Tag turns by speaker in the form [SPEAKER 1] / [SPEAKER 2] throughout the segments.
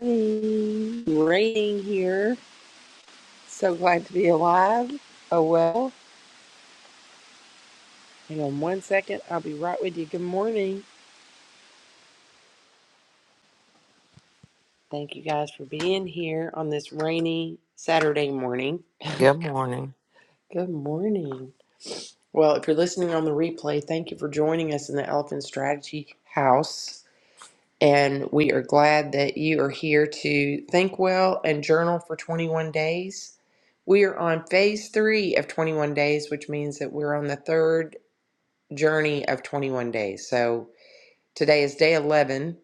[SPEAKER 1] Morning. Raining here. So glad to be alive. Oh well. Hang on one second. I'll be right with you. Good morning. Thank you guys for being here on this rainy Saturday morning.
[SPEAKER 2] Good morning.
[SPEAKER 1] Good morning. Well, if you're listening on the replay, thank you for joining us in the Elephant Strategy House. And we are glad that you are here to think well and journal for 21 days. We are on phase three of 21 days, which means that we're on the third journey of 21 days. So today is day 11.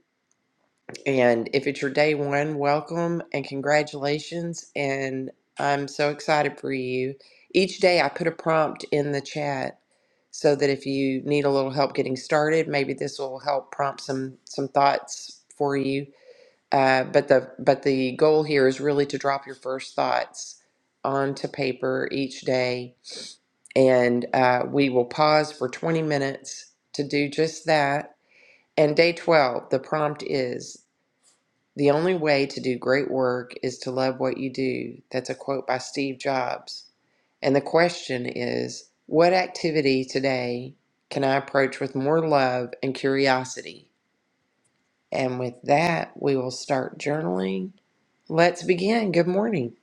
[SPEAKER 1] And if it's your day one, welcome and congratulations. And I'm so excited for you. Each day I put a prompt in the chat so that if you need a little help getting started, maybe this will help prompt some some thoughts for you uh, but the but the goal here is really to drop your first thoughts onto paper each day, and uh, we will pause for 20 minutes to do just that. And day 12, the prompt is the only way to do great work is to love what you do. That's a quote by Steve Jobs. And the question is, what activity today can I approach with more love and curiosity? And with that, we will start journaling Let's begin. Good morning.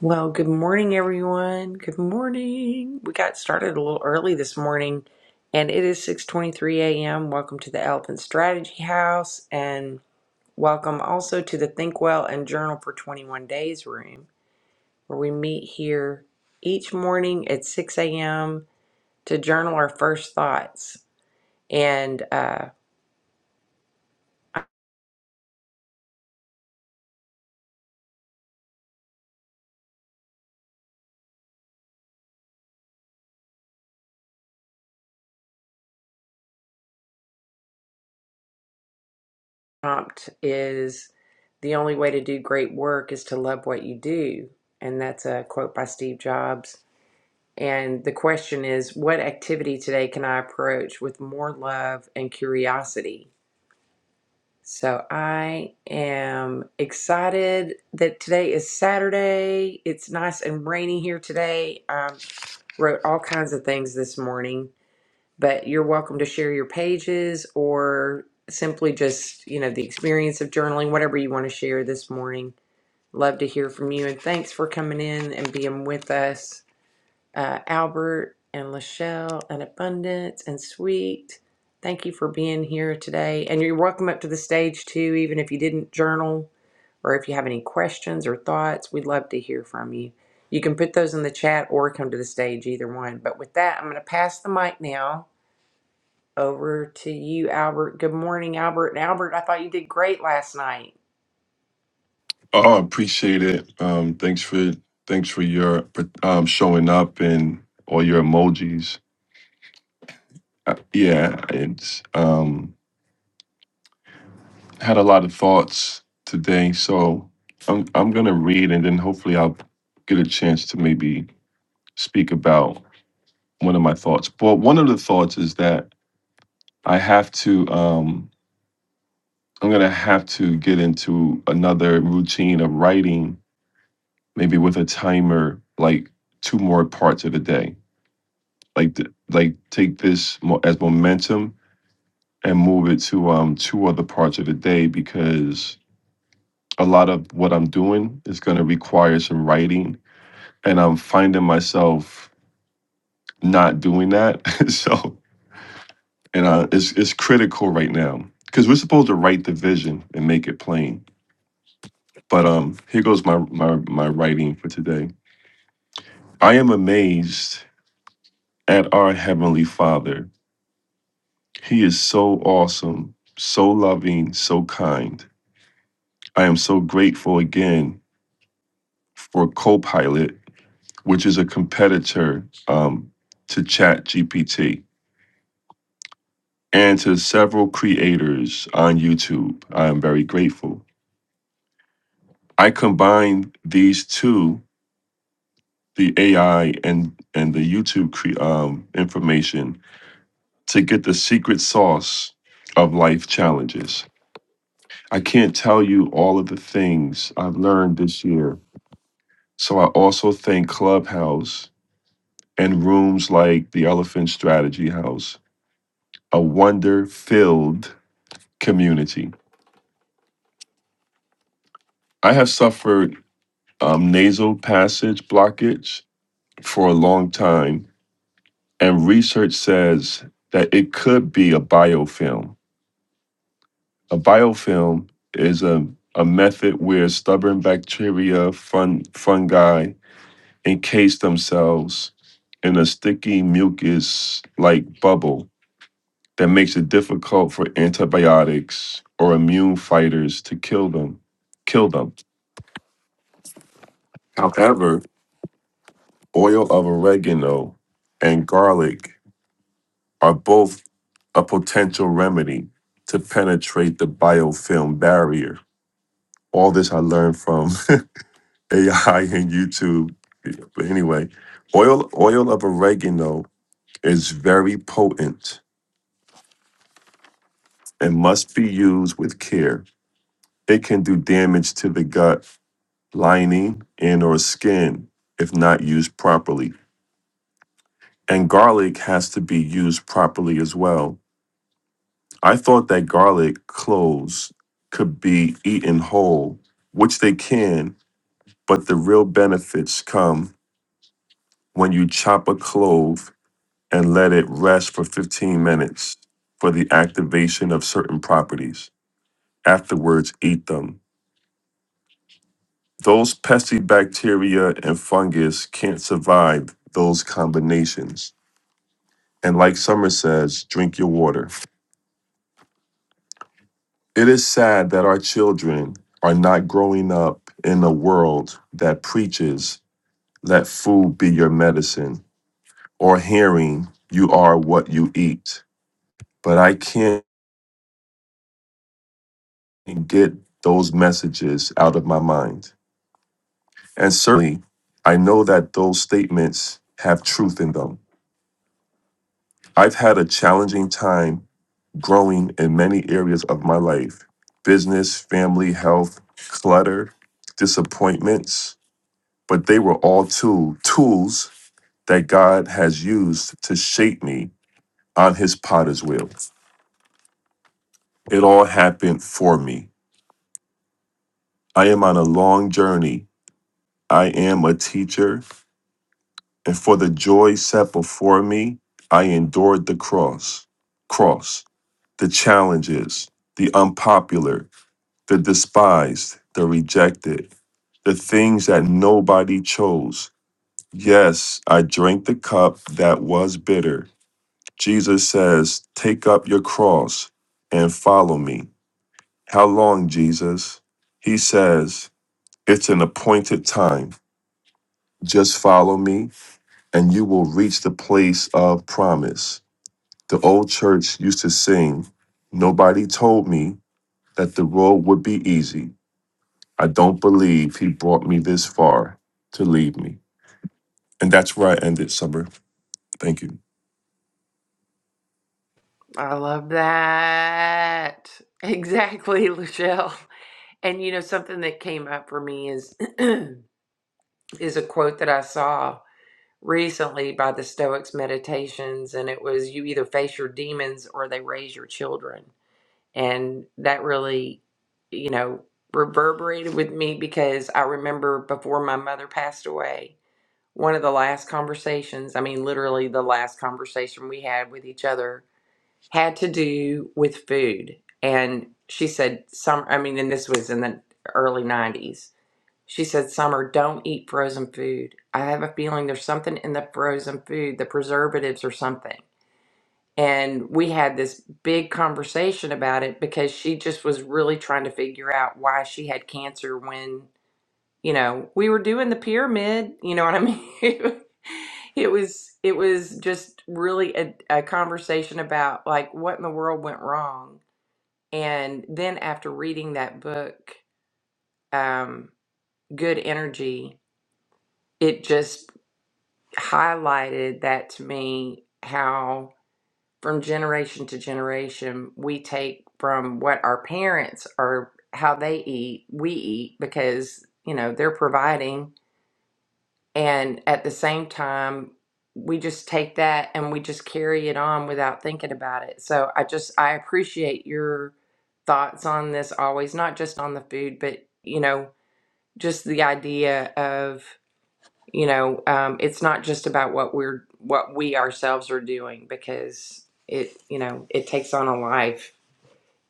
[SPEAKER 1] Well, good morning, everyone. Good morning. We got started a little early this morning, and it is 6:23 a.m. Welcome to the Elephant Strategy House, and welcome also to the Think Well and Journal for 21 Days room, where we meet here each morning at 6 a.m. to journal our first thoughts. And uh, prompt is the only way to do great work is to love what you do. And that's a quote by Steve Jobs. And the question is, what activity today can I approach with more love and curiosity? So I am excited that today is Saturday. It's nice and rainy here today. I wrote all kinds of things this morning but you're welcome to share your pages or simply just, you know, the experience of journaling, whatever you want to share this morning. Love to hear from you. And thanks for coming in and being with us, uh, Albert and Lachelle and Abundance and Sweet. Thank you for being here today. And you're welcome up to the stage too, even if you didn't journal or if you have any questions or thoughts, we'd love to hear from you. You can put those in the chat or come to the stage, either one. But with that, I'm going to pass the mic now over to you, Albert. Good morning, Albert. And Albert, I thought you did great last night.
[SPEAKER 3] Oh, I appreciate it. Um, thanks for thanks for your um, showing up and all your emojis. Uh, yeah, it's um, had a lot of thoughts today, so I'm I'm gonna read and then hopefully I'll get a chance to maybe speak about one of my thoughts. But one of the thoughts is that I have to um, I'm gonna have to get into another routine of writing, maybe with a timer, like two more parts of the day like th- like take this mo- as momentum and move it to um two other parts of the day because a lot of what I'm doing is going to require some writing and I'm finding myself not doing that so and uh, it's it's critical right now because we're supposed to write the vision and make it plain but um here goes my my my writing for today I am amazed at our heavenly father he is so awesome so loving so kind I am so grateful again for Copilot, which is a competitor um, to ChatGPT, and to several creators on YouTube. I am very grateful. I combine these two, the AI and and the YouTube cre- um, information, to get the secret sauce of life challenges. I can't tell you all of the things I've learned this year. So I also thank Clubhouse and rooms like the Elephant Strategy House, a wonder filled community. I have suffered um, nasal passage blockage for a long time, and research says that it could be a biofilm. A biofilm is a, a method where stubborn bacteria, fun, fungi encase themselves in a sticky mucus like bubble that makes it difficult for antibiotics or immune fighters to kill them. Kill them. However, oil of oregano and garlic are both a potential remedy to penetrate the biofilm barrier. All this I learned from AI and YouTube. But anyway, oil oil of oregano is very potent and must be used with care. It can do damage to the gut lining, and or skin if not used properly. And garlic has to be used properly as well. I thought that garlic cloves could be eaten whole, which they can, but the real benefits come when you chop a clove and let it rest for 15 minutes for the activation of certain properties. Afterwards, eat them. Those pesky bacteria and fungus can't survive those combinations. And like Summer says, drink your water. It is sad that our children are not growing up in a world that preaches let food be your medicine or hearing you are what you eat. But I can't get those messages out of my mind. And certainly, I know that those statements have truth in them. I've had a challenging time growing in many areas of my life business, family, health, clutter, disappointments, but they were all tool, tools that God has used to shape me on his potter's wheel. It all happened for me. I am on a long journey. I am a teacher, and for the joy set before me, I endured the cross, cross, the challenges, the unpopular, the despised, the rejected, the things that nobody chose. Yes, I drank the cup that was bitter. Jesus says, Take up your cross and follow me. How long, Jesus? He says, It's an appointed time. Just follow me, and you will reach the place of promise. The old church used to sing, Nobody told me that the road would be easy. I don't believe he brought me this far to leave me. And that's where I ended, Summer. Thank you.
[SPEAKER 1] I love that. Exactly, Lachelle. And you know, something that came up for me is is a quote that I saw recently by the Stoics meditations, and it was you either face your demons or they raise your children. And that really, you know, reverberated with me because I remember before my mother passed away, one of the last conversations, I mean, literally the last conversation we had with each other, had to do with food. And she said, Some, I mean, and this was in the early 90s. She said, Summer, don't eat frozen food. I have a feeling there's something in the frozen food, the preservatives or something. And we had this big conversation about it because she just was really trying to figure out why she had cancer when you know we were doing the pyramid you know what i mean it was it was just really a, a conversation about like what in the world went wrong and then after reading that book um good energy it just highlighted that to me how from generation to generation we take from what our parents are how they eat we eat because you know they're providing And at the same time, we just take that and we just carry it on without thinking about it. So I just, I appreciate your thoughts on this always, not just on the food, but, you know, just the idea of, you know, um, it's not just about what we're, what we ourselves are doing because it, you know, it takes on a life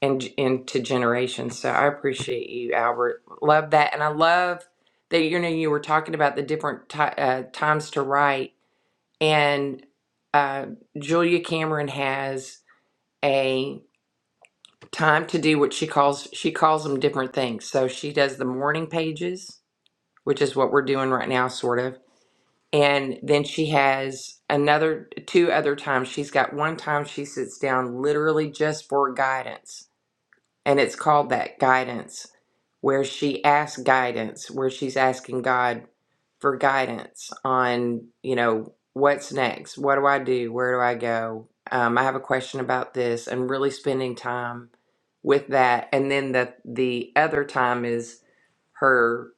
[SPEAKER 1] and into generations. So I appreciate you, Albert. Love that, and I love that you know you were talking about the different ti uh, times to write. And uh, Julia Cameron has a time to do what she calls she calls them different things. So she does the morning pages, which is what we're doing right now, sort of. And then she has another two other times. She's got one time she sits down literally just for guidance and it's called that guidance where she asks guidance where she's asking god for guidance on you know what's next what do i do where do i go um, i have a question about this and really spending time with that and then the the other time is her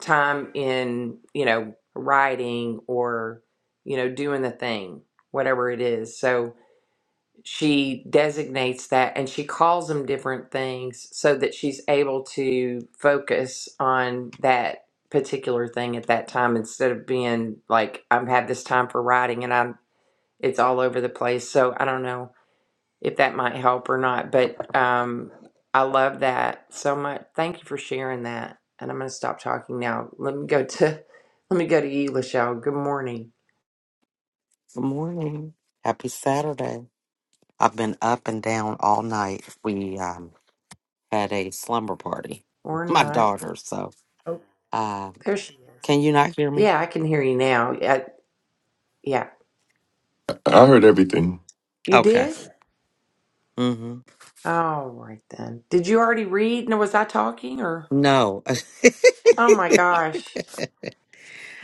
[SPEAKER 1] time in you know writing or you know doing the thing whatever it is so she designates that and she calls them different things so that she's able to focus on that particular thing at that time instead of being like I'm have this time for writing and I'm it's all over the place so I don't know if that might help or not but um I love that so much thank you for sharing that and I'm going to stop talking now let me go to let me go to you Lachelle good morning
[SPEAKER 2] Good morning. Happy Saturday. I've been up and down all night. We um, had a slumber party,
[SPEAKER 1] or
[SPEAKER 2] my
[SPEAKER 1] not
[SPEAKER 2] daughter. So,
[SPEAKER 1] Oh,
[SPEAKER 2] uh,
[SPEAKER 1] there's
[SPEAKER 2] can you not hear me?
[SPEAKER 1] yeah I can hear you now yeah, yeah.
[SPEAKER 3] I I heard everything.
[SPEAKER 1] You
[SPEAKER 2] Okay.
[SPEAKER 1] did?
[SPEAKER 2] Mm-hmm.
[SPEAKER 1] All right then. Did you already read? No, was I talking or?
[SPEAKER 2] No,
[SPEAKER 1] Oh my gosh.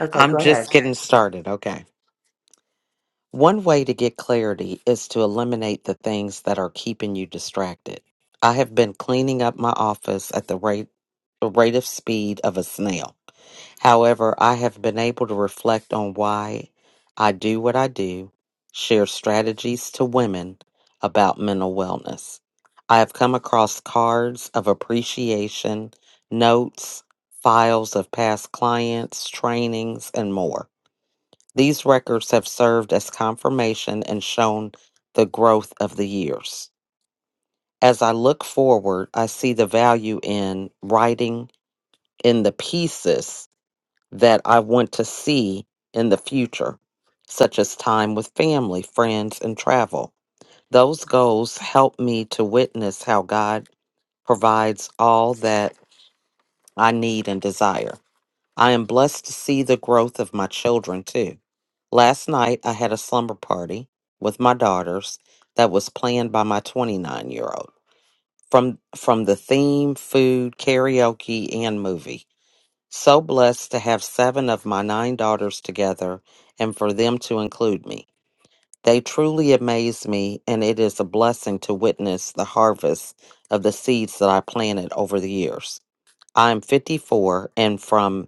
[SPEAKER 1] Okay,
[SPEAKER 2] I'm
[SPEAKER 1] go ahead.
[SPEAKER 2] just getting started. Okay. One way to get clarity is to eliminate the things that are keeping you distracted. I have been cleaning up my office at the rate the rate of speed of a snail. However, I have been able to reflect on why I do what I do, share strategies to women about mental wellness. I have come across cards of appreciation, notes, files of past clients, trainings, and more. These records have served as confirmation and shown the growth of the years. As I look forward, I see the value in writing in the pieces that I want to see in the future, such as time with family, friends, and travel. Those goals help me to witness how God provides all that I need and desire. I am blessed to see the growth of my children too. Last night, I had a slumber party with my daughters that was planned by my 29 year old. From, from the theme, food, karaoke, and movie. So blessed to have seven of my nine daughters together and for them to include me. They truly amaze me, and it is a blessing to witness the harvest of the seeds that I planted over the years. I am 54 and from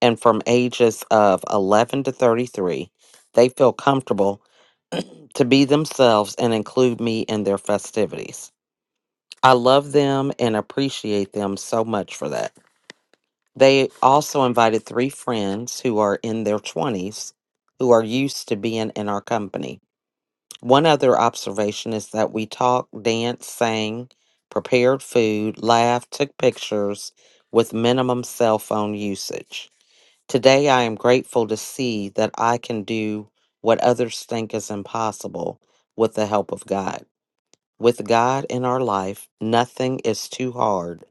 [SPEAKER 2] and from ages of 11 to 33, they feel comfortable to be themselves and include me in their festivities. I love them and appreciate them so much for that. They also invited three friends who are in their 20s who are used to being in our company. One other observation is that we talked, danced, sang, prepared food, laughed, took pictures with minimum cell phone usage. Today, I am grateful to see that I can do what others think is impossible with the help of God. With God in our life, nothing is too hard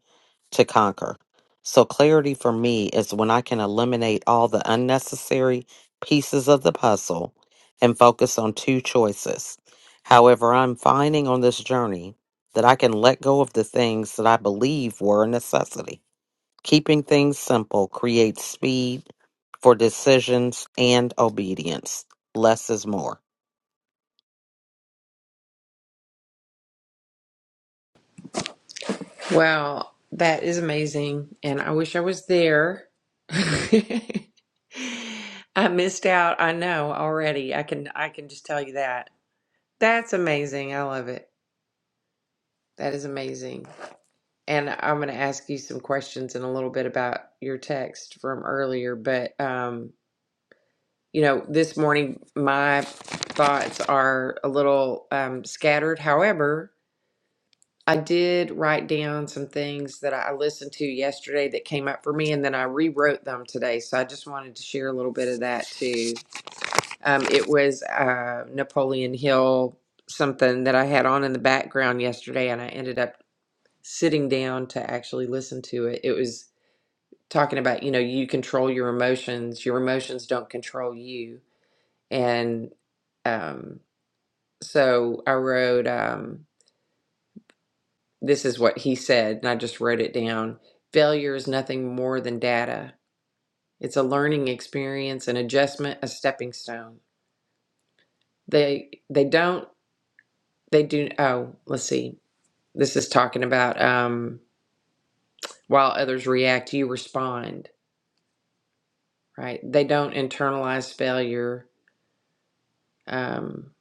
[SPEAKER 2] to conquer. So, clarity for me is when I can eliminate all the unnecessary pieces of the puzzle and focus on two choices. However, I'm finding on this journey that I can let go of the things that I believe were a necessity. Keeping things simple creates speed for decisions and obedience. Less is more.
[SPEAKER 1] Well, that is amazing, and I wish I was there. I missed out. I know already. I can I can just tell you that. That's amazing. I love it. That is amazing. And I'm going to ask you some questions in a little bit about your text from earlier, but um you know, this morning my thoughts are a little um, scattered. However, I did write down some things that I listened to yesterday that came up for me, and then I rewrote them today. So I just wanted to share a little bit of that too. Um, it was uh, Napoleon Hill, something that I had on in the background yesterday, and I ended up sitting down to actually listen to it. It was talking about, you know, you control your emotions, your emotions don't control you and um, so I wrote, um, this is what he said, and I just wrote it down. Failure is nothing more than data. It's a learning experience, an adjustment, a stepping stone. They they don't they do oh, let's see. This is talking about um, while others react, you respond, right? They don't internalize failure. Um,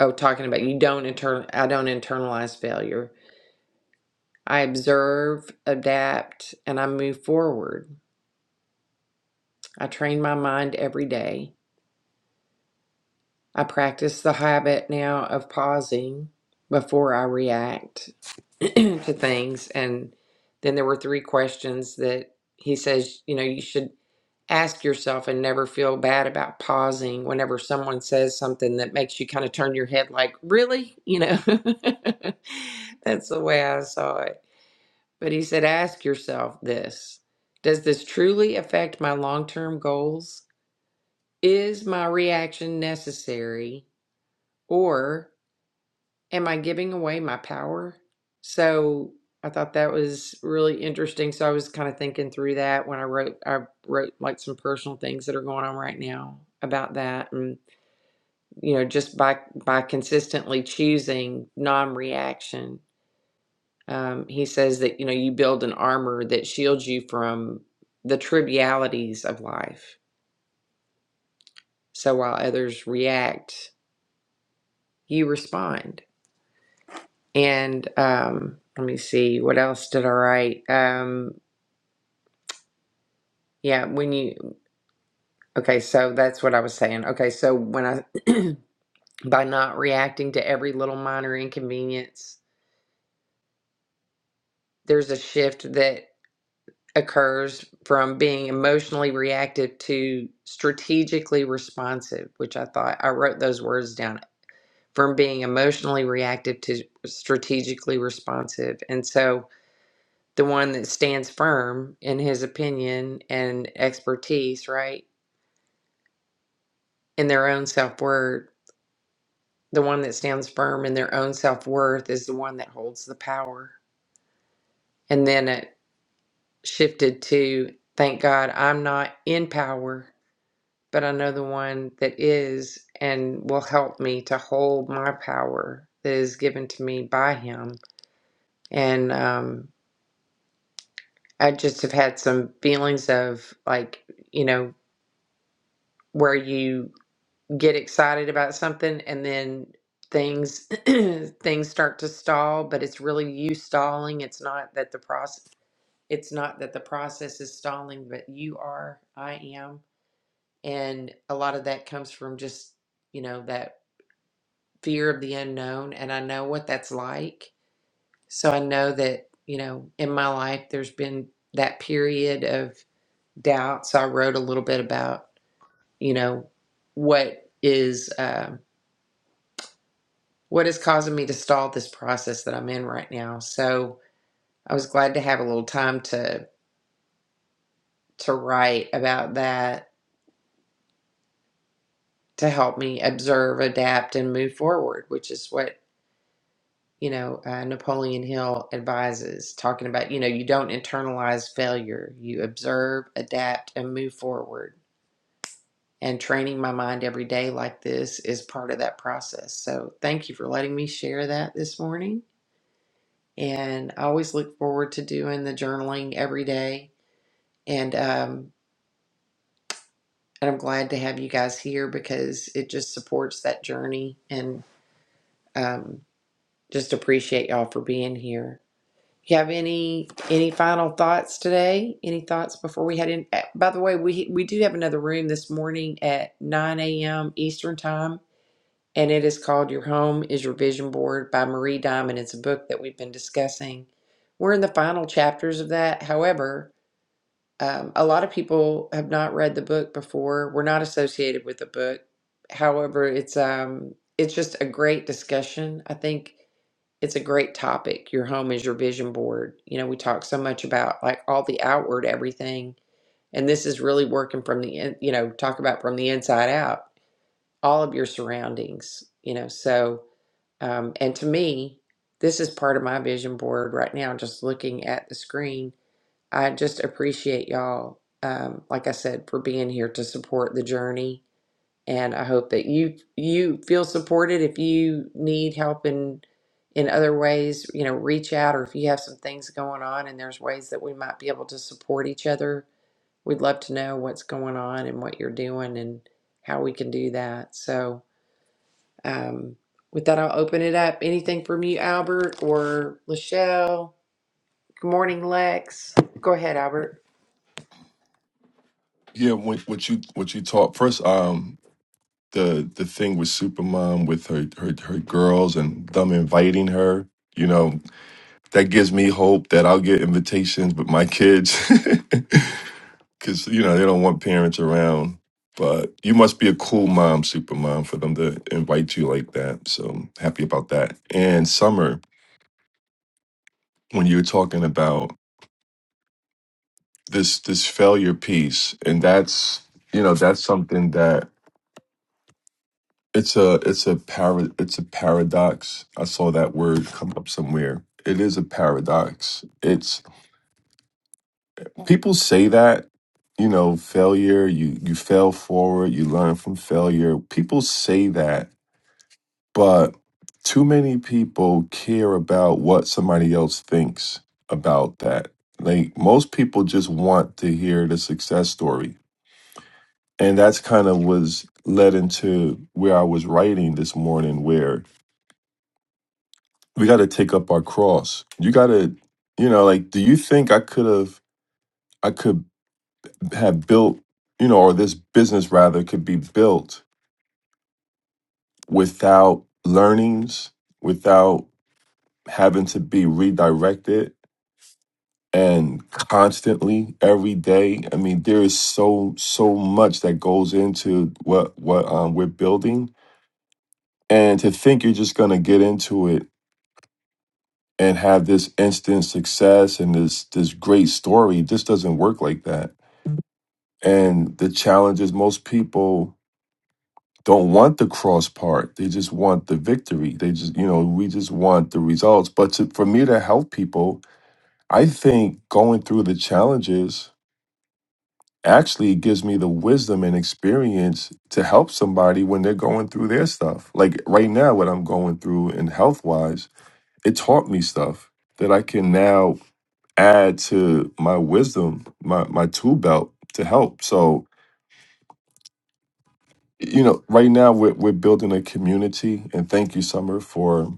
[SPEAKER 1] oh, talking about you don't internal I don't internalize failure. I observe, adapt, and I move forward. I train my mind every day. I practice the habit now of pausing before I react to things. And then there were three questions that he says, you know, you should ask yourself and never feel bad about pausing whenever someone says something that makes you kind of turn your head like, really? You know, that's the way I saw it But he said, ask yourself this Does this truly affect my long term goals? Is my reaction necessary? Or am I giving away my power? So I thought that was really interesting. So I was kind of thinking through that when I wrote, I wrote like some personal things that are going on right now about that. And, you know, just by, by consistently choosing non reaction Um, he says that, you know, you build an armor that shields you from the trivialities of life. So while others react, you respond. And um, let me see, what else did I write? Um, yeah, when you, okay, so that's what I was saying. Okay, so when I, by not reacting to every little minor inconvenience, there's a shift that. occurs from being emotionally reactive to strategically responsive, which I thought I wrote those words down from being emotionally reactive to strategically responsive. And so the one that stands firm in his opinion and expertise, right, in their own self worth, the one that stands firm in their own self worth is the one that holds the power. And then it shifted to, thank God I'm not in power but I know the one that is and will help me to hold my power that is given to me by Him. And um, I just have had some feelings of like, you know, where you get excited about something and then things things start to stall but it's really you stalling it's not that the process it's not that the process is stalling but you are i am and a lot of that comes from just you know that fear of the unknown and I know what that's like. So I know that, you know, in my life there's been that period of doubt. So I wrote a little bit about, you know, what is um what is causing me to stall this process that I'm in right now. So I was glad to have a little time to to write about that to help me observe, adapt, and move forward, which is what you know, uh, Napoleon Hill advises, talking about, you know, you don't internalize failure. You observe, adapt, and move forward. And training my mind every day like this is part of that process. So thank you for letting me share that this morning. And I always look forward to doing the journaling every day. And, um, and I'm glad to have you guys here because it just supports that journey. And um, just appreciate y'all for being here. You have any any final thoughts today? Any thoughts before we head in? eh, By the way, we we do have another room this morning at 9 a.m. Eastern time, and it is called "Your Home Is Your Vision Board" by Marie Diamond. It's a book that we've been discussing. We're in the final chapters of that. However, um, a lot of people have not read the book before. We're not associated with the book. However, it's um it's just a great discussion. I think it's a great topic. Your home is your vision board. You know, we talk so much about like all the outward everything, and this is really working from the in, you know, talk about from the inside out, all of your surroundings, you know. So, um, and to me, this is part of my vision board right now, just looking at the screen. I just appreciate y'all, um, like I said, for being here to support the journey and I hope that you you feel supported. If you need help in in other ways, you know, reach out, or if you have some things going on and there's ways that we might be able to support each other, we'd love to know what's going on and what you're doing and how we can do that. So, um, with that, I'll open it up. Anything from you, Albert or Lachelle? Good morning, Lex. Go ahead, Albert.
[SPEAKER 3] Yeah, what, what you what you taught first. Um, the the thing with Supermom with her her her girls and them inviting her. You know that gives me hope that I'll get invitations with my kids, because you know they don't want parents around. But you must be a cool mom, Supermom, for them to invite you like that. So happy about that. And Summer, when you were talking about this this failure piece and that's you know that's something that it's a it's a para, it's a paradox i saw that word come up somewhere it is a paradox it's people say that you know failure you you fail forward you learn from failure people say that but too many people care about what somebody else thinks about that like most people just want to hear the success story and that's kind of was led into where I was writing this morning, where we got to take up our cross. You got to, you know, like, do you think I could have, I could have built, you know, or this business rather could be built without learnings, without having to be redirected and constantly every day i mean there is so so much that goes into what what um, we're building and to think you're just going to get into it and have this instant success and this this great story. It just doesn't work like that. And the challenge is most people don't want the cross part. They just want the victory. They just you know we just want the results. But to, for me to help people, I think going through the challenges actually gives me the wisdom and experience to help somebody when they're going through their stuff. Like right now, what I'm going through in health wise, it taught me stuff that I can now add to my wisdom, my my tool belt to help. So you know, right now we're we're building a community, and thank you, Summer, for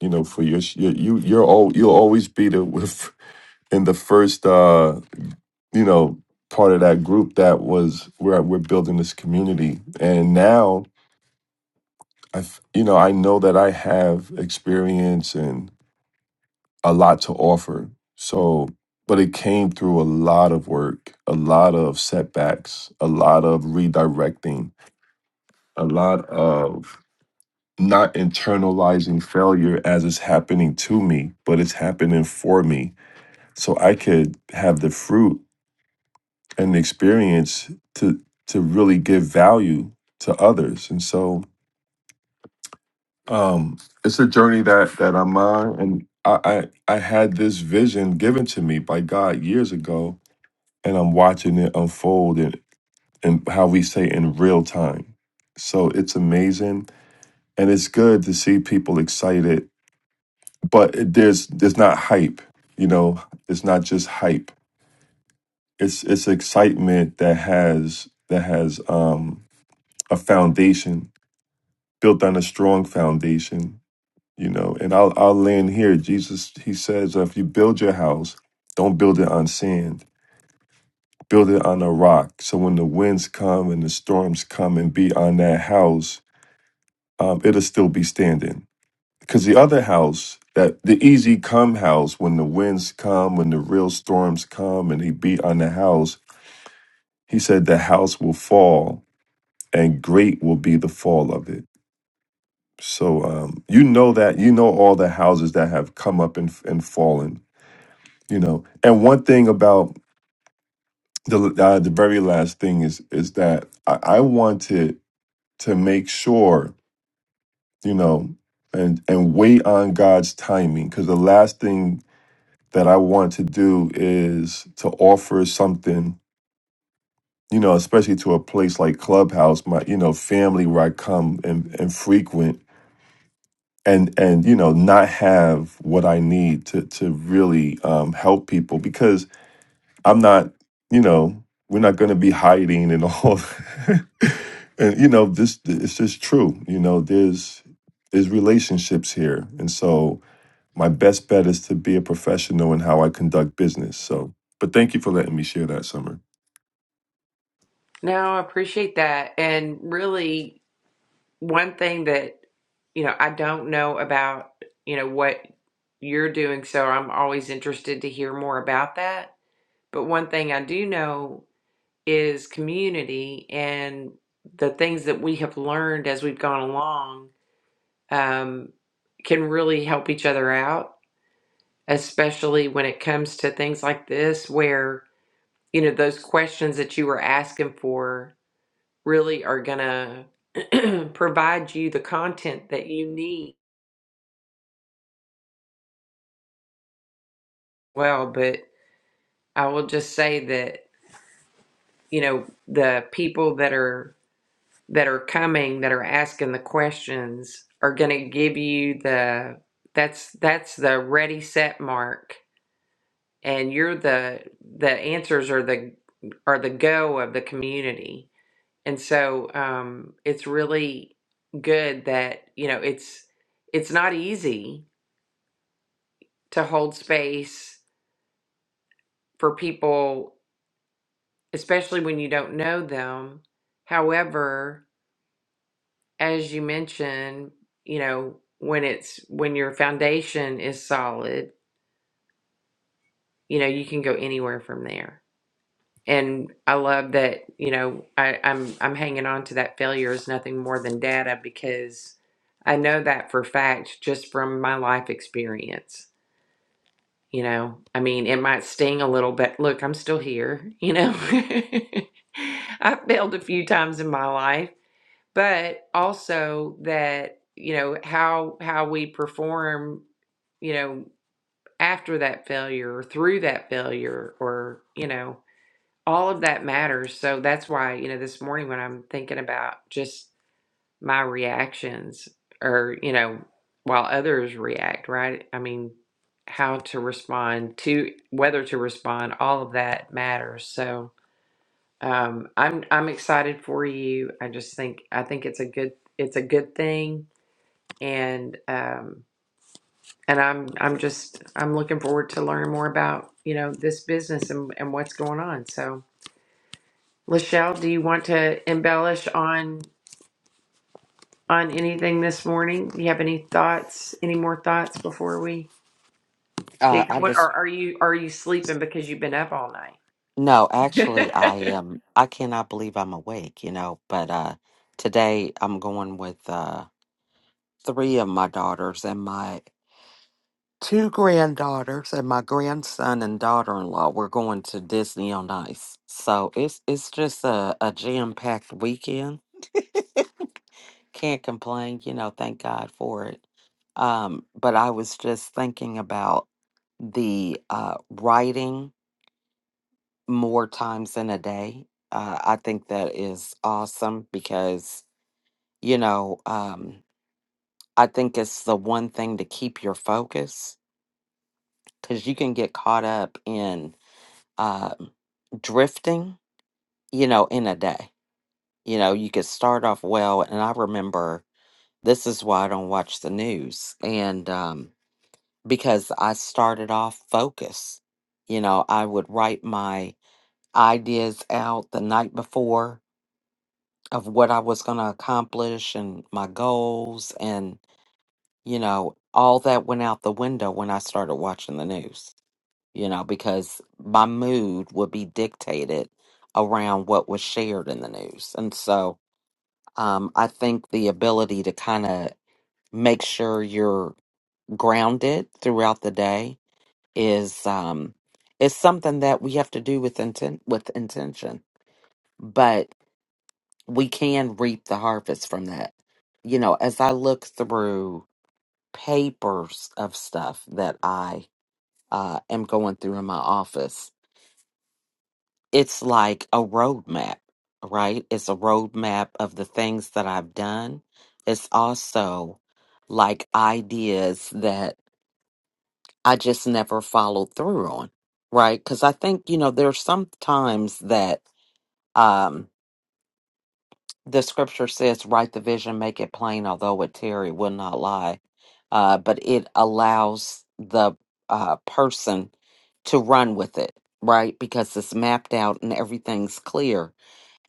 [SPEAKER 3] you know for your sh- your- you you're all you'll always be the with in the first uh you know part of that group that was where we're building this community, and now I you know I know that I have experience a lot to offer. So, but it came through a lot of work, a lot of setbacks, a lot of redirecting, a lot of not internalizing failure as it's happening to me, but it's happening for me. So I could have the fruit and the experience to to really give value to others. And so um it's a journey that that I'm on and I I, I had this vision given to me by God years ago and I'm watching it unfold and, and how we say in real time. So it's amazing and it's good to see people excited, but it, there's there's not hype, you know, it's not just hype. It's it's excitement that has that has um a foundation built on a strong foundation, you know. And I'll I'll land here. Jesus he says if you build your house, don't build it on sand build it on a rock. So when the winds come and the storms come and be on that house, um, it'll still be standing. Because the other house, that the easy come house, when the winds come, when the real storms come, and he beat on the house, he said the house will fall, and great will be the fall of it. So um, you know that you know all the houses that have come up and and fallen. You know, and one thing about the uh, the very last thing is is that I, I wanted to make sure you know and and wait on god's timing because the last thing that i want to do is to offer something you know especially to a place like clubhouse my you know family where i come and, and frequent and and you know not have what i need to to really um, help people because. I'm not, you know, we're not going to be hiding and all. and you know, this it's just true. You know, there's there's relationships here, and so my best bet is to be a professional in how I conduct business. So, but thank you for letting me share that, Summer.
[SPEAKER 1] No, I appreciate that, and really. one thing that you know I don't know about you know what you're doing, so I'm always interested to hear more about that. But one thing I do know is community and the things that we have learned as we've gone along um, can really help each other out, especially when it comes to things like this, where you know those questions that you were asking for really are gonna provide you the content that you need well, but I will just say that, you know, the people that are that are coming that are asking the questions are going to give you the that's that's the ready set mark and you're the the answers are the are the go of the community. And so um it's really good that, you know, it's it's not easy to hold space for people especially when you don't know them. However, as you mentioned, you know, when it's when your foundation is solid, you know, you can go anywhere from there. And I love that, you know, I, I'm I'm hanging on to that failure is nothing more than data because I know that for fact just from my life experience. You know, I mean, it might sting a little, but look, I'm still here, you know. I failed a few times in my life but also that you know how how we perform you know after that failure or through that failure or you know all of that matters so that's why you know this morning when i'm thinking about just my reactions or you know while others react right i mean how to respond to whether to respond all of that matters so um, I'm I'm excited for you. I just think I think it's a good it's a good thing, and um, and I'm I'm just I'm looking forward to learning more about you know this business and, and what's going on. So, Lachelle, do you want to embellish on on anything this morning? Do you have any thoughts? Any more thoughts before we
[SPEAKER 2] Uh,
[SPEAKER 1] get
[SPEAKER 2] I
[SPEAKER 1] going?
[SPEAKER 2] just
[SPEAKER 1] Or are you are you sleeping because you've been up all
[SPEAKER 2] no, actually,
[SPEAKER 1] night?
[SPEAKER 2] I um, I cannot believe I'm awake. You know, but uh, today I'm going with uh, three of my daughters and my two granddaughters and my grandson and daughter-in-law. We're going to Disney on Ice, so it's it's just a, a jam-packed weekend. Can't complain, you know, thank God for it. Um, but I was just thinking about the uh, writing more times in a day. Uh, I think that is awesome because, you know, um, I think it's the one thing to keep your focus because you can get caught up in uh, drifting, you know, in a day. You know, you could start off well. And I remember this is why I don't watch the news. And, um, because I started off focused. You know, I would write my ideas out the night before of what I was going to accomplish and my goals. And, you know, all that went out the window when I started watching the news, you know, because my mood would be dictated around what was shared in the news. And so um, I think the ability to kind of make sure you're grounded throughout the day is um it's something that we have to do with intent with intention but we can reap the harvest from that you know as i look through papers of stuff that i uh am going through in my office it's like a roadmap right it's a roadmap of the things that i've done it's also like ideas that. I just never followed through on, right? Because I think, you know, there's some times that um, the scripture says, write the vision, make it plain, although it tarry, will not lie. Uh, but it allows the uh, person to run with it, right? Because it's mapped out and everything's clear.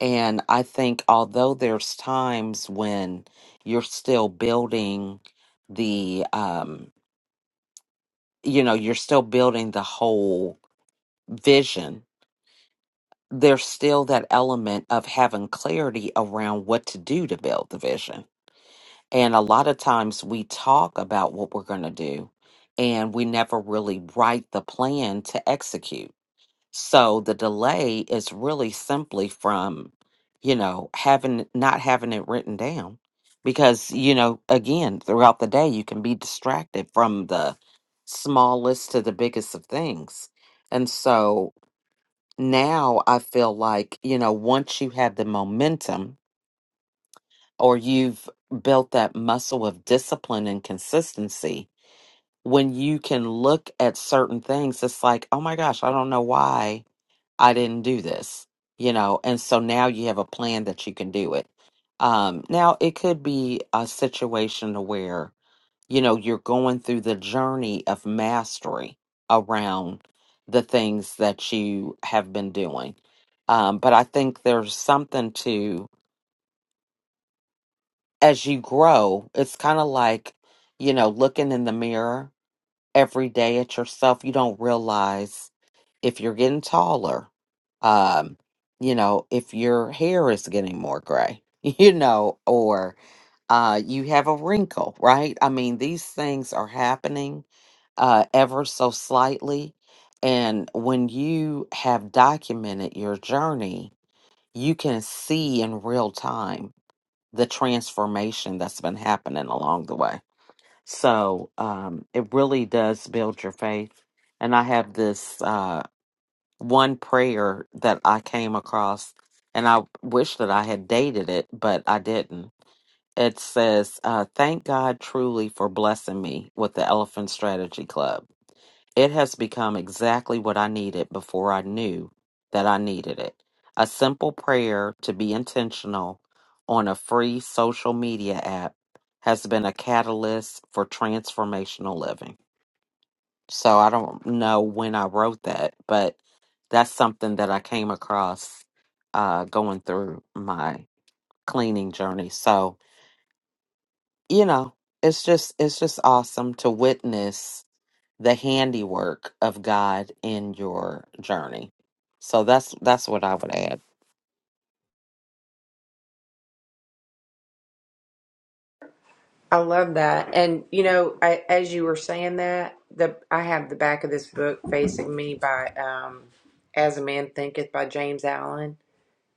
[SPEAKER 2] And I think, although there's times when you're still building the, um, you know, you're still building the whole vision there's still that element of having clarity around what to do to build the vision. And a lot of times we talk about what we're going to do and we never really write the plan to execute. So the delay is really simply from, you know, having not having it written down because, you know, again, throughout the day you can be distracted from the smallest to the biggest of things. And so now I feel like, you know, once you have the momentum or you've built that muscle of discipline and consistency, when you can look at certain things, it's like, oh my gosh, I don't know why I didn't do this, you know, and so now you have a plan that you can do it. Um, now it could be a situation to where you know you're going through the journey of mastery around the things that you have been doing um, but i think there's something to as you grow it's kind of like you know looking in the mirror every day at yourself you don't realize if you're getting taller um, you know if your hair is getting more gray you know or uh, you have a wrinkle right i mean these things are happening uh, ever so slightly. And when you have documented your journey, you can see in real time the transformation that's been happening along the way. So um, it really does build your faith. And I have this uh, one prayer that I came across, and I wish that I had dated it, but I didn't. It says, uh, Thank God truly for blessing me with the Elephant Strategy Club. It has become exactly what I needed before I knew that I needed it. A simple prayer to be intentional on a free social media app has been a catalyst for transformational living. So I don't know when I wrote that, but that's something that I came across uh, going through my cleaning journey. So, you know, it's just it's just awesome to witness the handiwork of God in your journey. So that's that's what I would add.
[SPEAKER 1] I love that. And you know, I, as you were saying that, the I have the back of this book facing me by um, "As a Man Thinketh" by James Allen,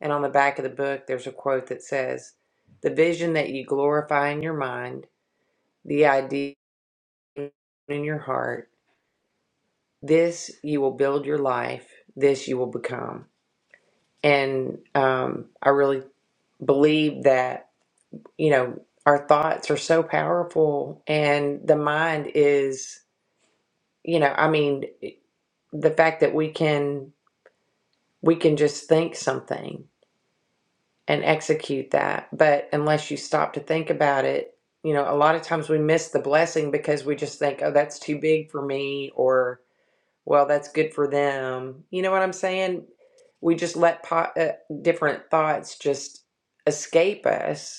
[SPEAKER 1] and on the back of the book, there's a quote that says, "The vision that you glorify in your mind, the idea in your heart, this you will build your life, this you will become." And um, I really believe that you know our thoughts are so powerful, and the mind is. you know i mean the fact that we can we can just think something and execute that but unless you stop to think about it you know a lot of times we miss the blessing because we just think oh that's too big for me or well that's good for them you know what i'm saying we just let po- uh, different thoughts just escape us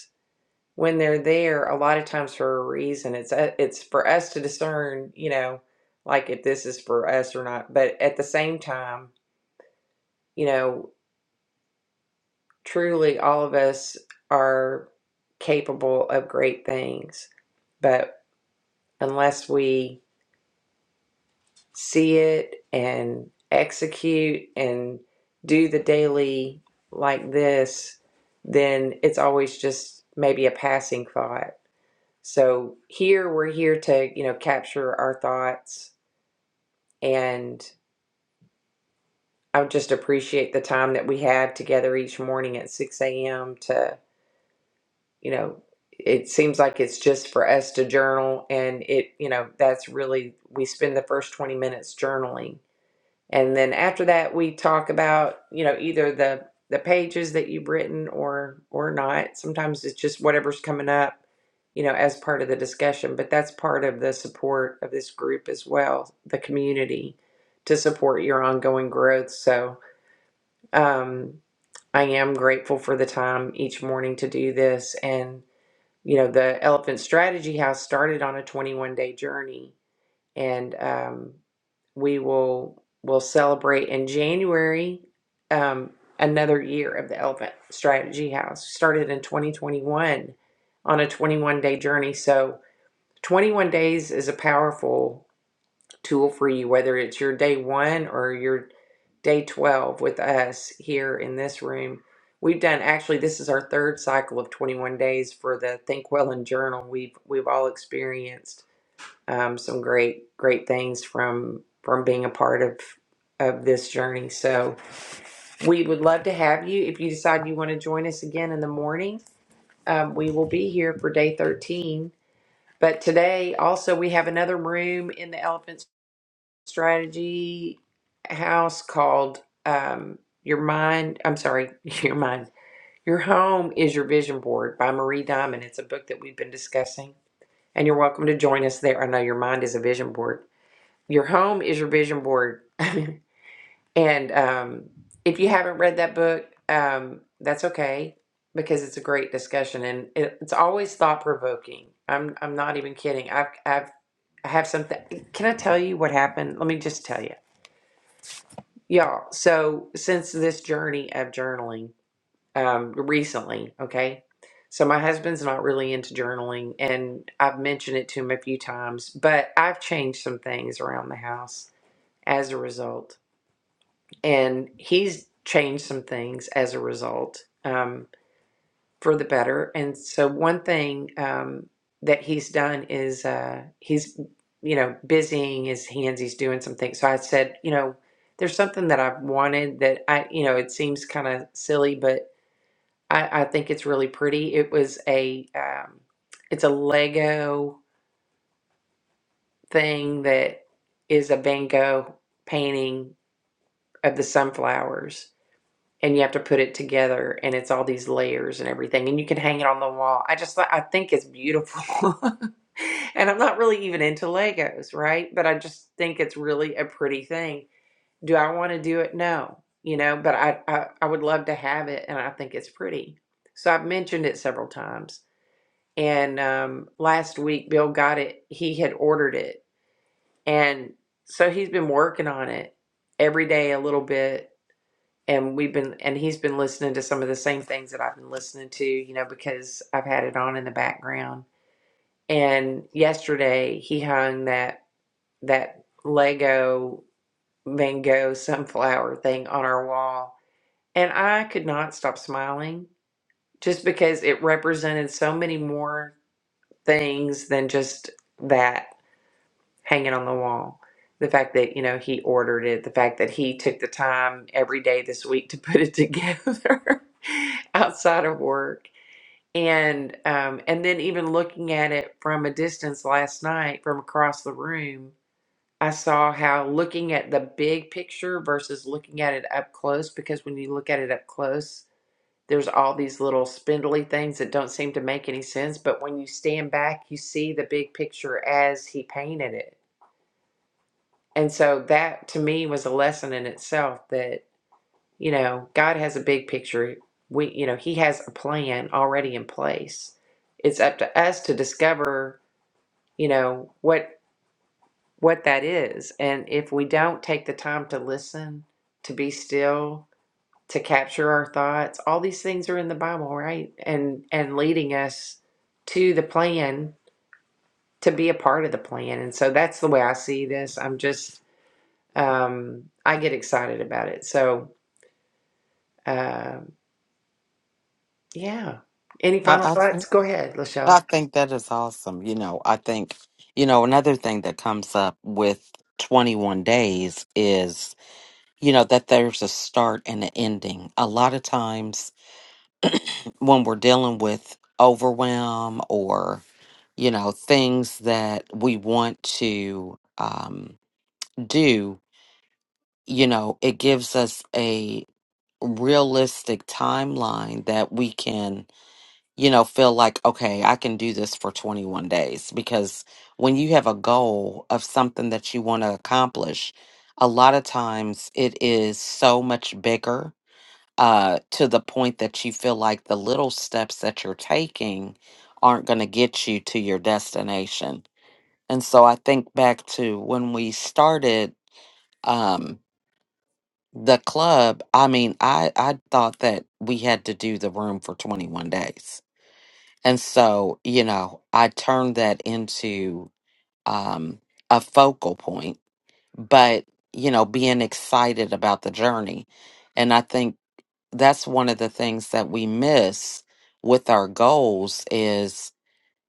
[SPEAKER 1] when they're there a lot of times for a reason it's uh, it's for us to discern you know like if this is for us or not but at the same time you know truly all of us are capable of great things but unless we see it and execute and do the daily like this then it's always just maybe a passing thought So here we're here to, you know, capture our thoughts and I would just appreciate the time that we have together each morning at 6 a.m. to, you know, it seems like it's just for us to journal and it, you know, that's really, we spend the first 20 minutes journaling And then after that, we talk about, you know, either the the pages that you've written or or not. Sometimes it's just whatever's coming up, you know, as part of the discussion, but that's part of the support of this group as well, the community to support your ongoing growth. So, um I am grateful for the time each morning to do this and you know, the Elephant Strategy House started on a 21-day journey and um, we will will celebrate in January um, another year of the Elephant Strategy House. Started in 2021 on a 21 day journey. So 21 days is a powerful tool for you, whether it's your day one or your day 12 with us here in this room. We've done actually this is our third cycle of 21 days for the Think Well and Journal. We've we've all experienced um, some great great things from from being a part of of this journey. So we would love to have you. If you decide you want to join us again in the morning, um, we will be here for day thirteen. But today also we have another room in the Elephant Strategy House called um, Your Mind. I'm sorry, Your Mind. Your Home is Your Vision Board by Marie Diamond. It's a book that we've been discussing, and you're welcome to join us there. I know your mind is a vision board your home is your vision board. and um, if you haven't read that book, um, that's okay because it's a great discussion and it, it's always thought provoking. I'm I'm not even kidding. I've I've I have something. Can I tell you what happened? Let me just tell you, y'all. So since this journey of journaling, um, recently, okay. So my husband's not really into journaling, and I've mentioned it to him a few times, but I've changed some things around the house as a result and he's changed some things as a result um, for the better. And so one thing um, that he's done is uh, he's you know busying his hands. He's doing some things. So I said, you know, there's something that I've wanted that I you know it seems kind of silly, but I, I think it's really pretty. It was a um, it's a Lego thing that is a Van Gogh painting of the sunflowers and you have to put it together and it's all these layers and everything and you can hang it on the wall i just i think it's beautiful and i'm not really even into legos right but i just think it's really a pretty thing do i want to do it no you know but I, I i would love to have it and i think it's pretty so i've mentioned it several times and um last week bill got it he had ordered it and so he's been working on it every day a little bit and we've been and he's been listening to some of the same things that I've been listening to, you know, because I've had it on in the background. And yesterday he hung that that Lego Van Gogh sunflower thing on our wall, and I could not stop smiling just because it represented so many more things than just that. hanging on the wall. The fact that, you know, he ordered it, the fact that he took the time every day this week to put it together outside of work. And um, and then even looking at it from a distance last night from across the room, I saw how looking at the big picture versus looking at it up close, because when you look at it up close, there's all these little spindly things that don't seem to make any sense. But when you stand back, you see the big picture as he painted it and so that to me was a lesson in itself that, you know, God has a big picture. We, you know, He has a plan already in place. It's up to us to discover, you know, what what that is. And if we don't take the time to listen, to be still, to capture our thoughts, all these things are in the Bible, right? And and leading us to the plan, to be a part of the plan. And so that's the way I see this. I'm just um, I get excited about it. So, um yeah. Any final
[SPEAKER 2] I, I
[SPEAKER 1] thoughts? Go ahead,
[SPEAKER 2] I
[SPEAKER 1] Lachelle.
[SPEAKER 2] think that is awesome. You know, I think you know another thing that comes up with 21 days is you know that there's a start and an ending. A lot of times when we're dealing with overwhelm or you know things that we want to um, do, you know, it gives us realistic timeline that we can, you know, feel like, okay, I can do this for 21 days. Because when you have a goal of something that you want to accomplish, a lot of times it is so much bigger uh, to the point that you feel like the little steps that you're taking aren't going to get you to your destination. And so I think back to when we started. um. The club, I mean, I I thought that we had to do the room for 21 days. And so, you know, I turned that into um a focal point, but you know, being excited about the journey. And I think that's one of the things that we miss with our goals is,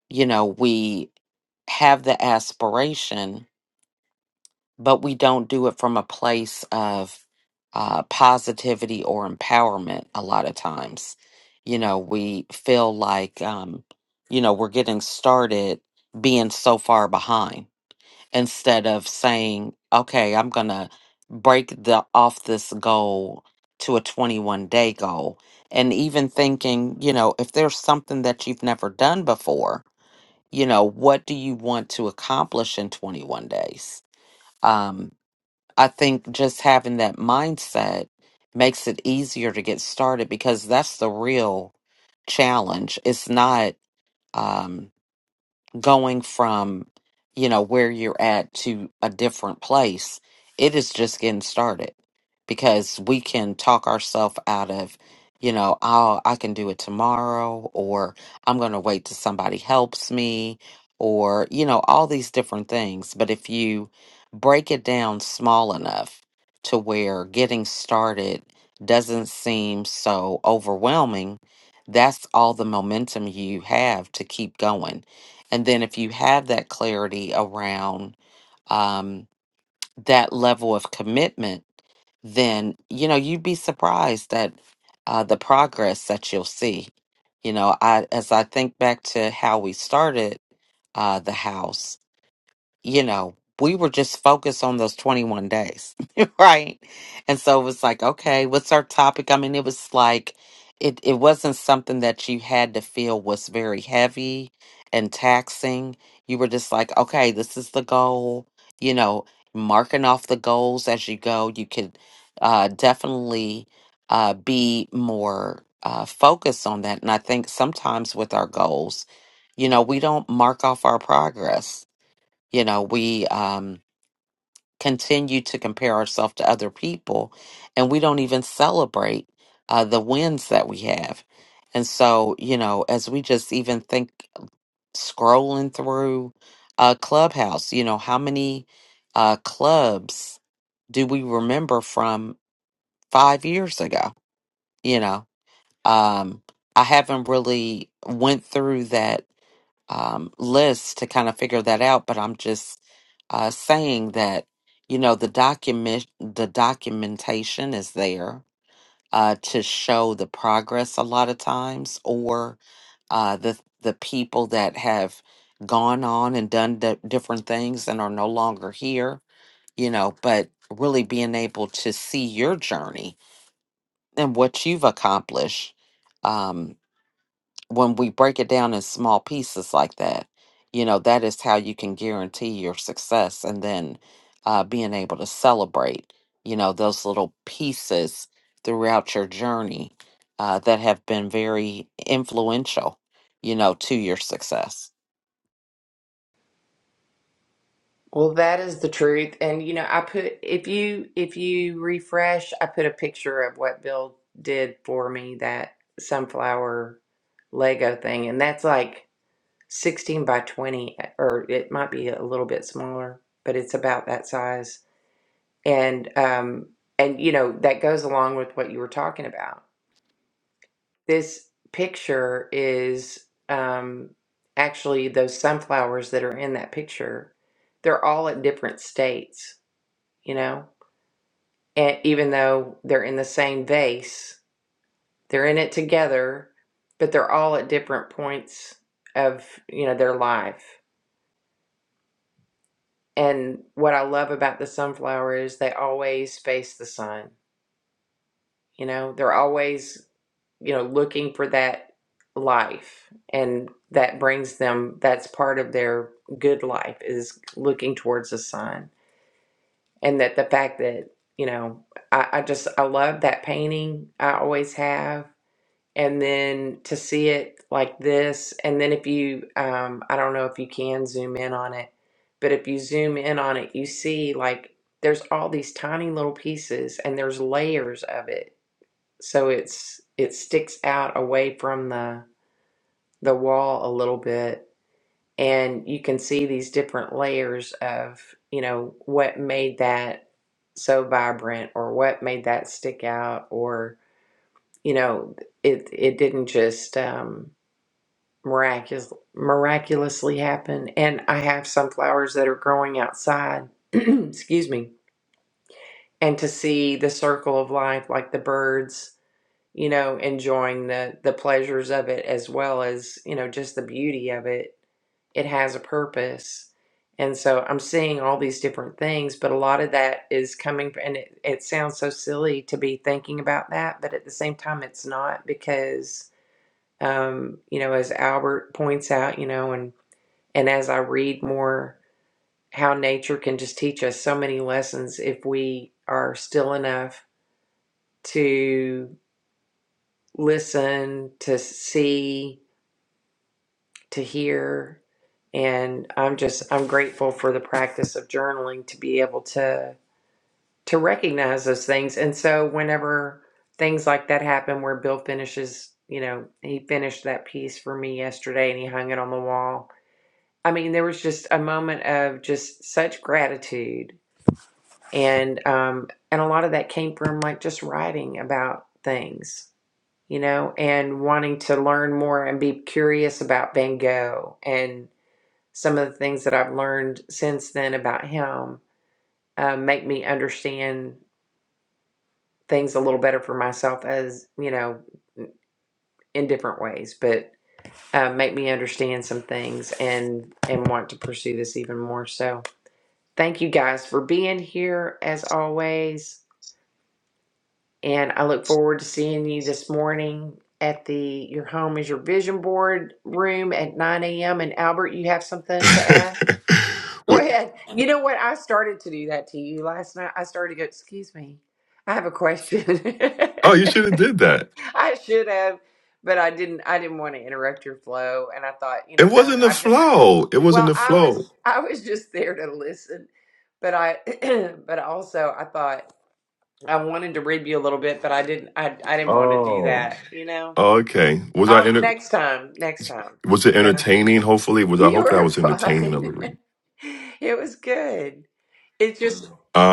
[SPEAKER 2] you know, we have the aspiration but we don't do it from a place of uh, positivity or empowerment a lot of times. You know, we feel like, um, you know, we're getting started being so far behind instead of saying, okay, I'm going to break the off this goal to a 21 day goal. And even thinking, you know, if there's something that you've never done before, you know, what do you want to accomplish in 21 days? Um, I think just having that mindset makes it easier to get started because that's the real challenge. It's not. Um, going from, you know, where you're at to a different place, it is just getting started because we can talk ourselves out of, you know, I'll, I can do it tomorrow or I'm going to wait till somebody helps me or, you know, all these different things. But if you break it down small enough to where getting started doesn't seem so overwhelming, that's all the momentum you have to keep going and then if you have that clarity around um, that level of commitment, then you know you'd be surprised at uh, the progress that you'll see. You know, I as I think back to how we started uh, the house, you know, we were just focused on those 21 days, right? And so it was like, okay, what's our topic? I mean, it was like, it, it wasn't something that you had to feel was very heavy and taxing. You were just like, okay, this is the goal, you know, marking off the goals as you go. You could uh, definitely uh, be more uh, focused on that. And I think sometimes with our goals, you know, we don't mark off our progress you know, we um, continue to compare ourselves to other people and we don't even celebrate uh, the wins that we have. And so, you know, as we just even think scrolling through uh, Clubhouse, you know, how many uh, clubs do we remember from five years ago? You know, um, I haven't really went through that um, list to kind of figure that out, but I'm just uh, saying that you know the document the documentation is there uh, to show the progress a lot of times, or uh, the the people that have gone on and done di- different things and are no longer here, you know, but really being able to see your journey and what you've accomplished um, when we break it down in small pieces like that, you know, that is how you can guarantee your success and then uh, being able to celebrate, you know, those little pieces throughout your journey uh, that have been very influential, you know, to your success.
[SPEAKER 1] Well, that is the truth. And you know, I put if you if you refresh, I put a picture of what Bill did for me that sunflower Lego thing, and that's like sixteen by twenty, or it might be a little bit smaller, but it's about that size. And um, and you know, that goes along with what you were talking about This picture is um, actually those sunflowers that are in that picture. They're all at different states, you know? And even though they're in the same vase, they're in it together, but they're all at different points of, you know, their life. And what I love about the sunflower is they always face the sun. You know, they're always you know, looking for that life. And that brings them, that's part of their good life is looking towards the sun. And that the fact that, you know, I, I just, I love that painting. I always have. And then to see it like this, and then if you, um, I don't know if you can zoom in on it, but if you zoom in on it, you see like there's all these tiny little pieces and there's layers of it so it's it sticks out away from the the wall a little bit and you can see these different layers of you know what made that so vibrant or what made that stick out or you know it it didn't just um miraculous miraculously happen and i have some flowers that are growing outside excuse me and to see the circle of life like the birds you know, enjoying the the pleasures of it as well as, you know, just the beauty of it. It has a purpose. And so I'm seeing all these different things, but a lot of that is coming and it, it sounds so silly to be thinking about that, but at the same time it's not because um, you know, as Albert points out, you know, and and as I read more how nature can just teach us so many lessons if we are still enough to. listen, to see, to hear. And I'm just, I'm grateful for the practice of journaling to be able to, to recognize those things. And so whenever things like that happen where Bill finishes, you know, he finished that piece for me yesterday and he hung it on the wall. I mean, there was just a moment of just such gratitude. And, um, and a lot of that came from like just writing about things you know, and wanting to learn more and be curious about Van Gogh and some of the things that I've learned since then about him um, make me understand things a little better for myself as, you know, in different ways, but uh, make me understand some things and and want to pursue this even more. So thank you guys for being here as always. and I look forward to seeing you this morning at the Your Home is Your Vision Board room at 9 a.m. And Albert, you have something to add? Go
[SPEAKER 3] Well,
[SPEAKER 1] ahead. You know what? I started to do that to you last night. I started to go, excuse me, I have a question.
[SPEAKER 3] oh, you should have did that.
[SPEAKER 1] I should have, but I didn't I didn't want to interrupt your flow. And I thought, you
[SPEAKER 3] It
[SPEAKER 1] know, no,
[SPEAKER 3] wasn't the
[SPEAKER 1] I'm just
[SPEAKER 3] flow. It wasn't
[SPEAKER 1] well,
[SPEAKER 3] the
[SPEAKER 1] I
[SPEAKER 3] flow.
[SPEAKER 1] was I was just there to listen. But I but also I thought I wanted to rib you a little bit, but I didn't. I I didn't want to do
[SPEAKER 3] Oh,
[SPEAKER 1] that. You know.
[SPEAKER 3] okay. Was I
[SPEAKER 1] Oh,
[SPEAKER 3] enter-
[SPEAKER 1] next time. Next time.
[SPEAKER 3] was it
[SPEAKER 1] You know.
[SPEAKER 3] entertaining? Hopefully, was I
[SPEAKER 1] You
[SPEAKER 3] hoping I
[SPEAKER 1] were
[SPEAKER 3] was entertaining
[SPEAKER 1] fine.
[SPEAKER 3] a little. bit?
[SPEAKER 1] it was good. It just.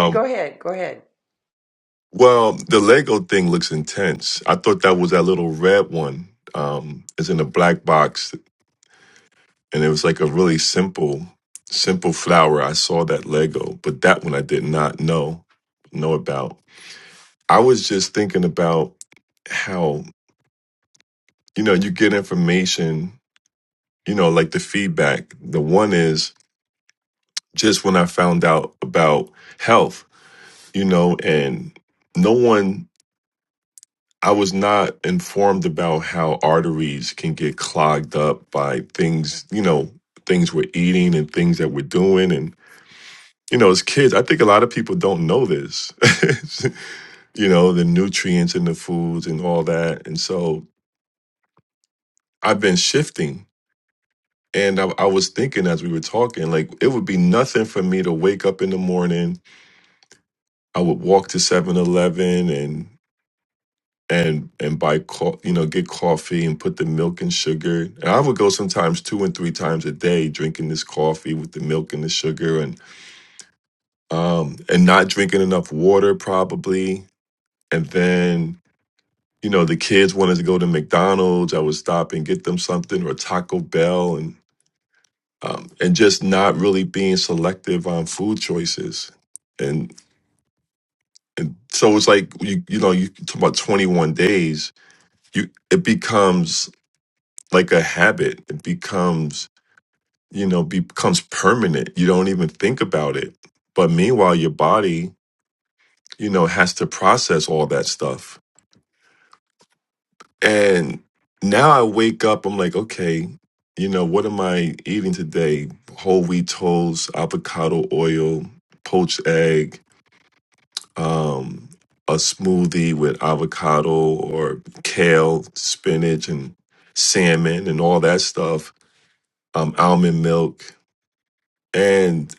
[SPEAKER 1] Go ahead. Go ahead.
[SPEAKER 3] Well, the Lego thing looks intense. I thought that was that little red one. Um, it's in a black box, and it was like a really simple, simple flower. I saw that Lego, but that one I did not know know about. I was just thinking about how you know you get information, you know, like the feedback. The one is just when I found out about health, you know, and no one I was not informed about how arteries can get clogged up by things, you know, things we're eating and things that we're doing. And, you know, as kids, I think a lot of people don't know this, you know, the nutrients in the foods and all that. And so I've been shifting. And I, I was thinking as we were talking, like, it would be nothing for me to wake up in the morning. I would walk to Seven Eleven and. and and buy co- you know get coffee and put the milk and sugar and i would go sometimes two and three times a day drinking this coffee with the milk and the sugar and um and not drinking enough water probably and then you know the kids wanted to go to mcdonald's i would stop and get them something or taco bell and um, and just not really being selective on food choices and so it's like you you know you talk about 21 days you it becomes like a habit. It becomes, you know, becomes permanent. You don't even think about it. But meanwhile, your body, you know, has to process all that stuff. And now I wake up, I'm like, okay, you know, what am I eating today? Whole wheat toast, avocado oil, poached egg, um, a smoothie with avocado or kale, spinach, and salmon and all that stuff, um, almond milk. And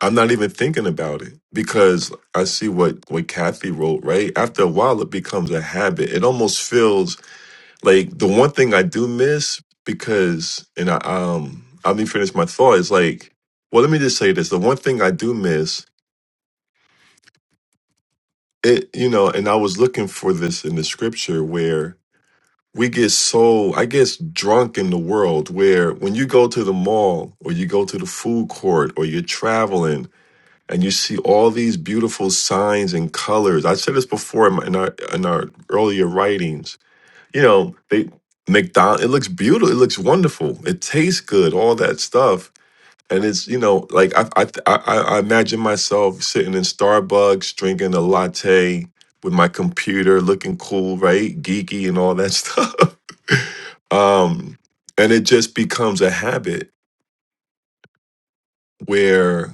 [SPEAKER 3] I'm not even thinking about it because I see what, what Kathy wrote, right? After a while, it becomes a habit. It almost feels like the one thing I do miss because, and I, um, I me finish my thought is like, well, let me just say this. The one thing I do miss it, you know, and I was looking for this in the scripture where we get so, I guess, drunk in the world where when you go to the mall or you go to the food court or you're traveling and you see all these beautiful signs and colors. I said this before in, my, in our in our earlier writings. You know, they McDonald. It looks beautiful. It looks wonderful. It tastes good. All that stuff. And it's you know like I I I, I imagine myself sitting in Starbucks drinking a latte with my computer, looking cool, right, geeky, and all that stuff. Um, and it just becomes a habit where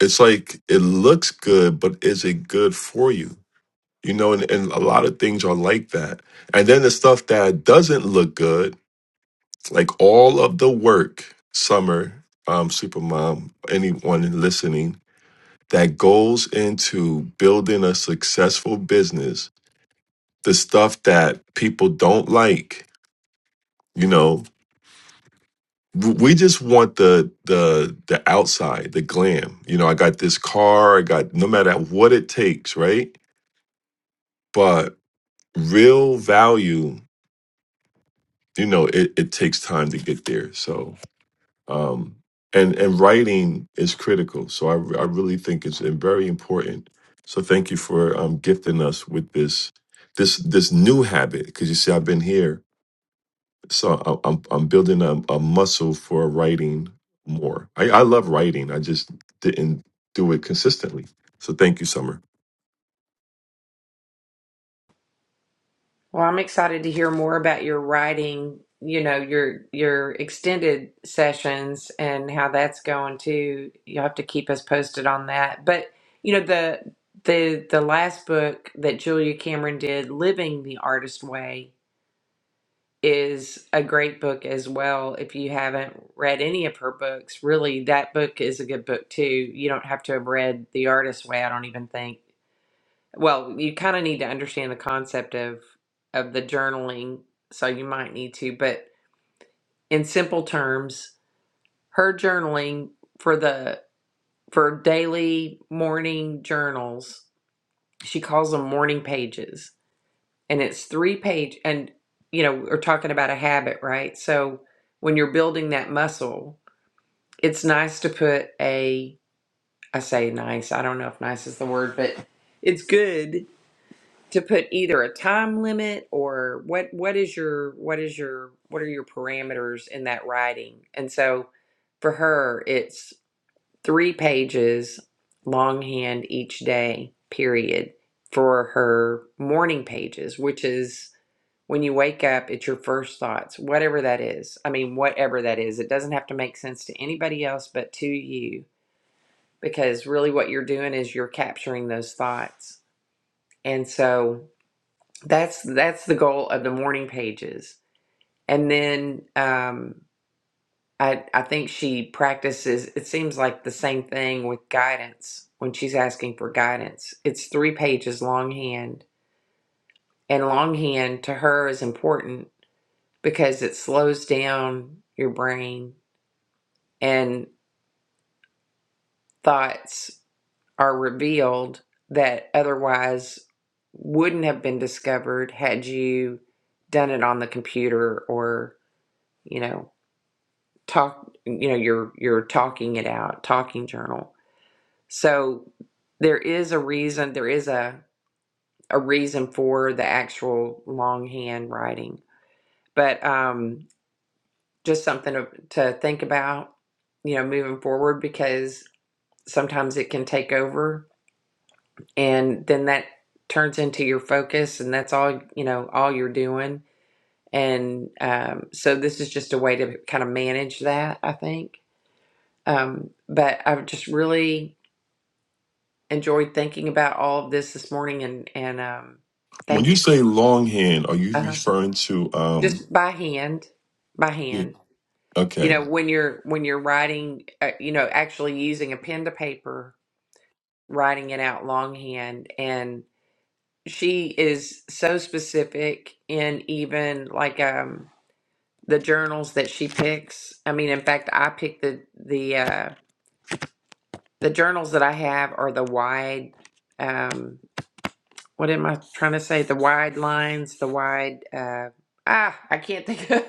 [SPEAKER 3] it's like it looks good, but is it good for you? you know, and, and a lot of things are like that. And then the stuff that doesn't look good, like all of the work, Summer, um, Supermom, anyone listening, that goes into building a successful business, the stuff that people don't like, you know, w- we just want the the the outside, the glam. You know, I got this car, I got no matter what it takes, right? But real value you know it, it takes time to get there so um and and writing is critical so i, I really think it's very important so thank you for um gifting us with this this this new habit because you see i've been here so I- i'm i'm building a, a muscle for writing more I, I love writing i just didn't do it consistently so thank you summer
[SPEAKER 1] Well, I'm excited to hear more about your writing. You know your your extended sessions and how that's going too. You'll have to keep us posted on that. But you know the the the last book that Julia Cameron did, "Living the Artist Way." is a great book as well. If you haven't read any of her books, really, that book is a good book too. You don't have to have read The Artist's Way, I don't even think. Well, you kind of need to understand the concept of of the journaling, so you might need to, but in simple terms, her journaling for the for daily morning journals, she calls them morning pages and it's three page and you know we're talking about a habit right so when you're building that muscle it's nice to put a i say nice i don't know if nice is the word but it's good to put either a time limit or what what is your what is your what are your parameters in that writing and so for her it's three pages longhand each day period for her morning pages which is when you wake up, it's your first thoughts, whatever that is. I mean, whatever that is. It doesn't have to make sense to anybody else but to you because really what you're doing is you're capturing those thoughts. And so that's that's the goal of the morning pages. And then um I I think she practices it seems like the same thing with guidance when she's asking for guidance. It's 3 pages longhand and longhand to her is important because it slows down your brain and thoughts are revealed that otherwise wouldn't have been discovered had you done it on the computer or you know talk you know you're you're talking it out talking journal so there is a reason there is a a reason for the actual longhand writing but um just something to, to think about you know moving forward because. sometimes it can take over and then that turns into your focus and that's all you know all you're doing and um, so this is just a way to kind of manage that i think um, but i've just really enjoyed thinking about all of this this morning and and um,
[SPEAKER 3] when
[SPEAKER 1] thank
[SPEAKER 3] you
[SPEAKER 1] you for,
[SPEAKER 3] say longhand are you
[SPEAKER 1] uh
[SPEAKER 3] referring to um
[SPEAKER 1] just by hand by
[SPEAKER 3] yeah,
[SPEAKER 1] hand you
[SPEAKER 3] okay
[SPEAKER 1] know when you're when you're writing uh, you know actually using a pen to paper writing it out longhand and she is so specific in even like um the journals that she picks. I mean, in fact, I pick the the uh the journals that I have are the wide um what am I trying to say? The wide lines, the wide uh ah, I can't think of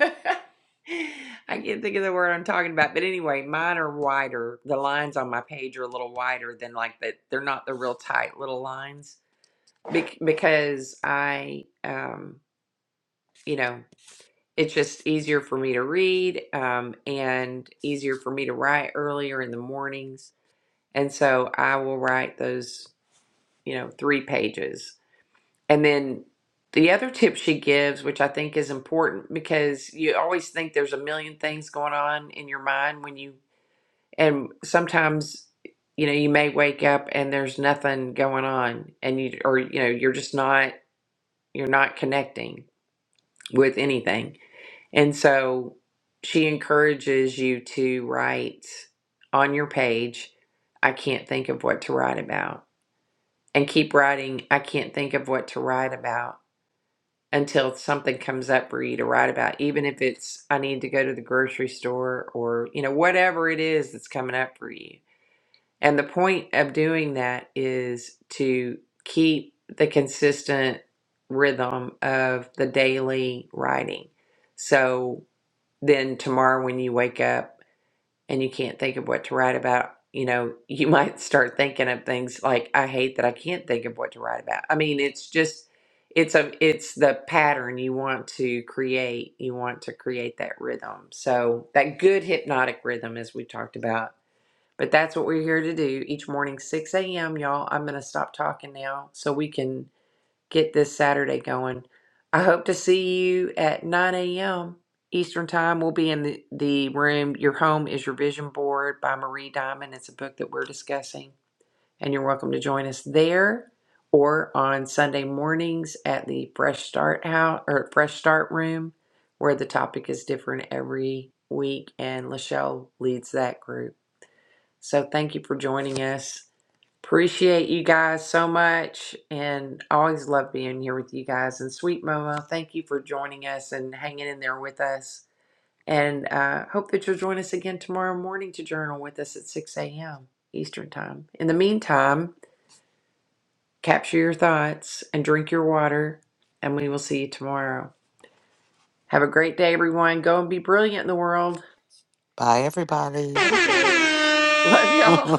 [SPEAKER 1] I can't think of the word I'm talking about. But anyway, mine are wider. The lines on my page are a little wider than like that. They're not the real tight little lines Bec- because I um you know it's just easier for me to read um, and easier for me to write earlier in the mornings. And so I will write those, you know, three pages. And then the other tip she gives, which I think is important because you always think there's a million things going on in your mind when you, and sometimes, you know, you may wake up and there's nothing going on and you, or, you know, you're just not, you're not connecting with anything. And so she encourages you to write on your page, I can't think of what to write about. And keep writing, I can't think of what to write about until something comes up for you to write about, even if it's, I need to go to the grocery store or, you know, whatever it is that's coming up for you. And the point of doing that is to keep the consistent rhythm of the daily writing. So then tomorrow when you wake up and you can't think of what to write about, you know, you might start thinking of things like I hate that I can't think of what to write about. I mean, it's just it's a it's the pattern you want to create. You want to create that rhythm. So that good hypnotic rhythm as we talked about. But that's what we're here to do each morning, 6 a.m. Y'all, I'm going to stop talking now so we can get this Saturday going. I hope to see you at 9 a.m. Eastern Time. We'll be in the, the room. Your Home is Your Vision Board by Marie Diamond. It's a book that we're discussing, and you're welcome to join us there or on Sunday mornings at the Fresh Start House or Fresh Start Room, where the topic is different every week, and Lachelle leads that group. So thank you for joining us. Appreciate you guys so much and always love being here with you guys. And sweet Momo, thank you for joining us and hanging in there with us. And uh, hope that you'll join us again tomorrow morning to journal with us at 6 a.m. Eastern Time. In the meantime, capture your thoughts and drink your water, and we will see you tomorrow. Have a great day, everyone. Go and be brilliant in the world.
[SPEAKER 2] Bye, everybody.
[SPEAKER 1] Adios. Love y'all.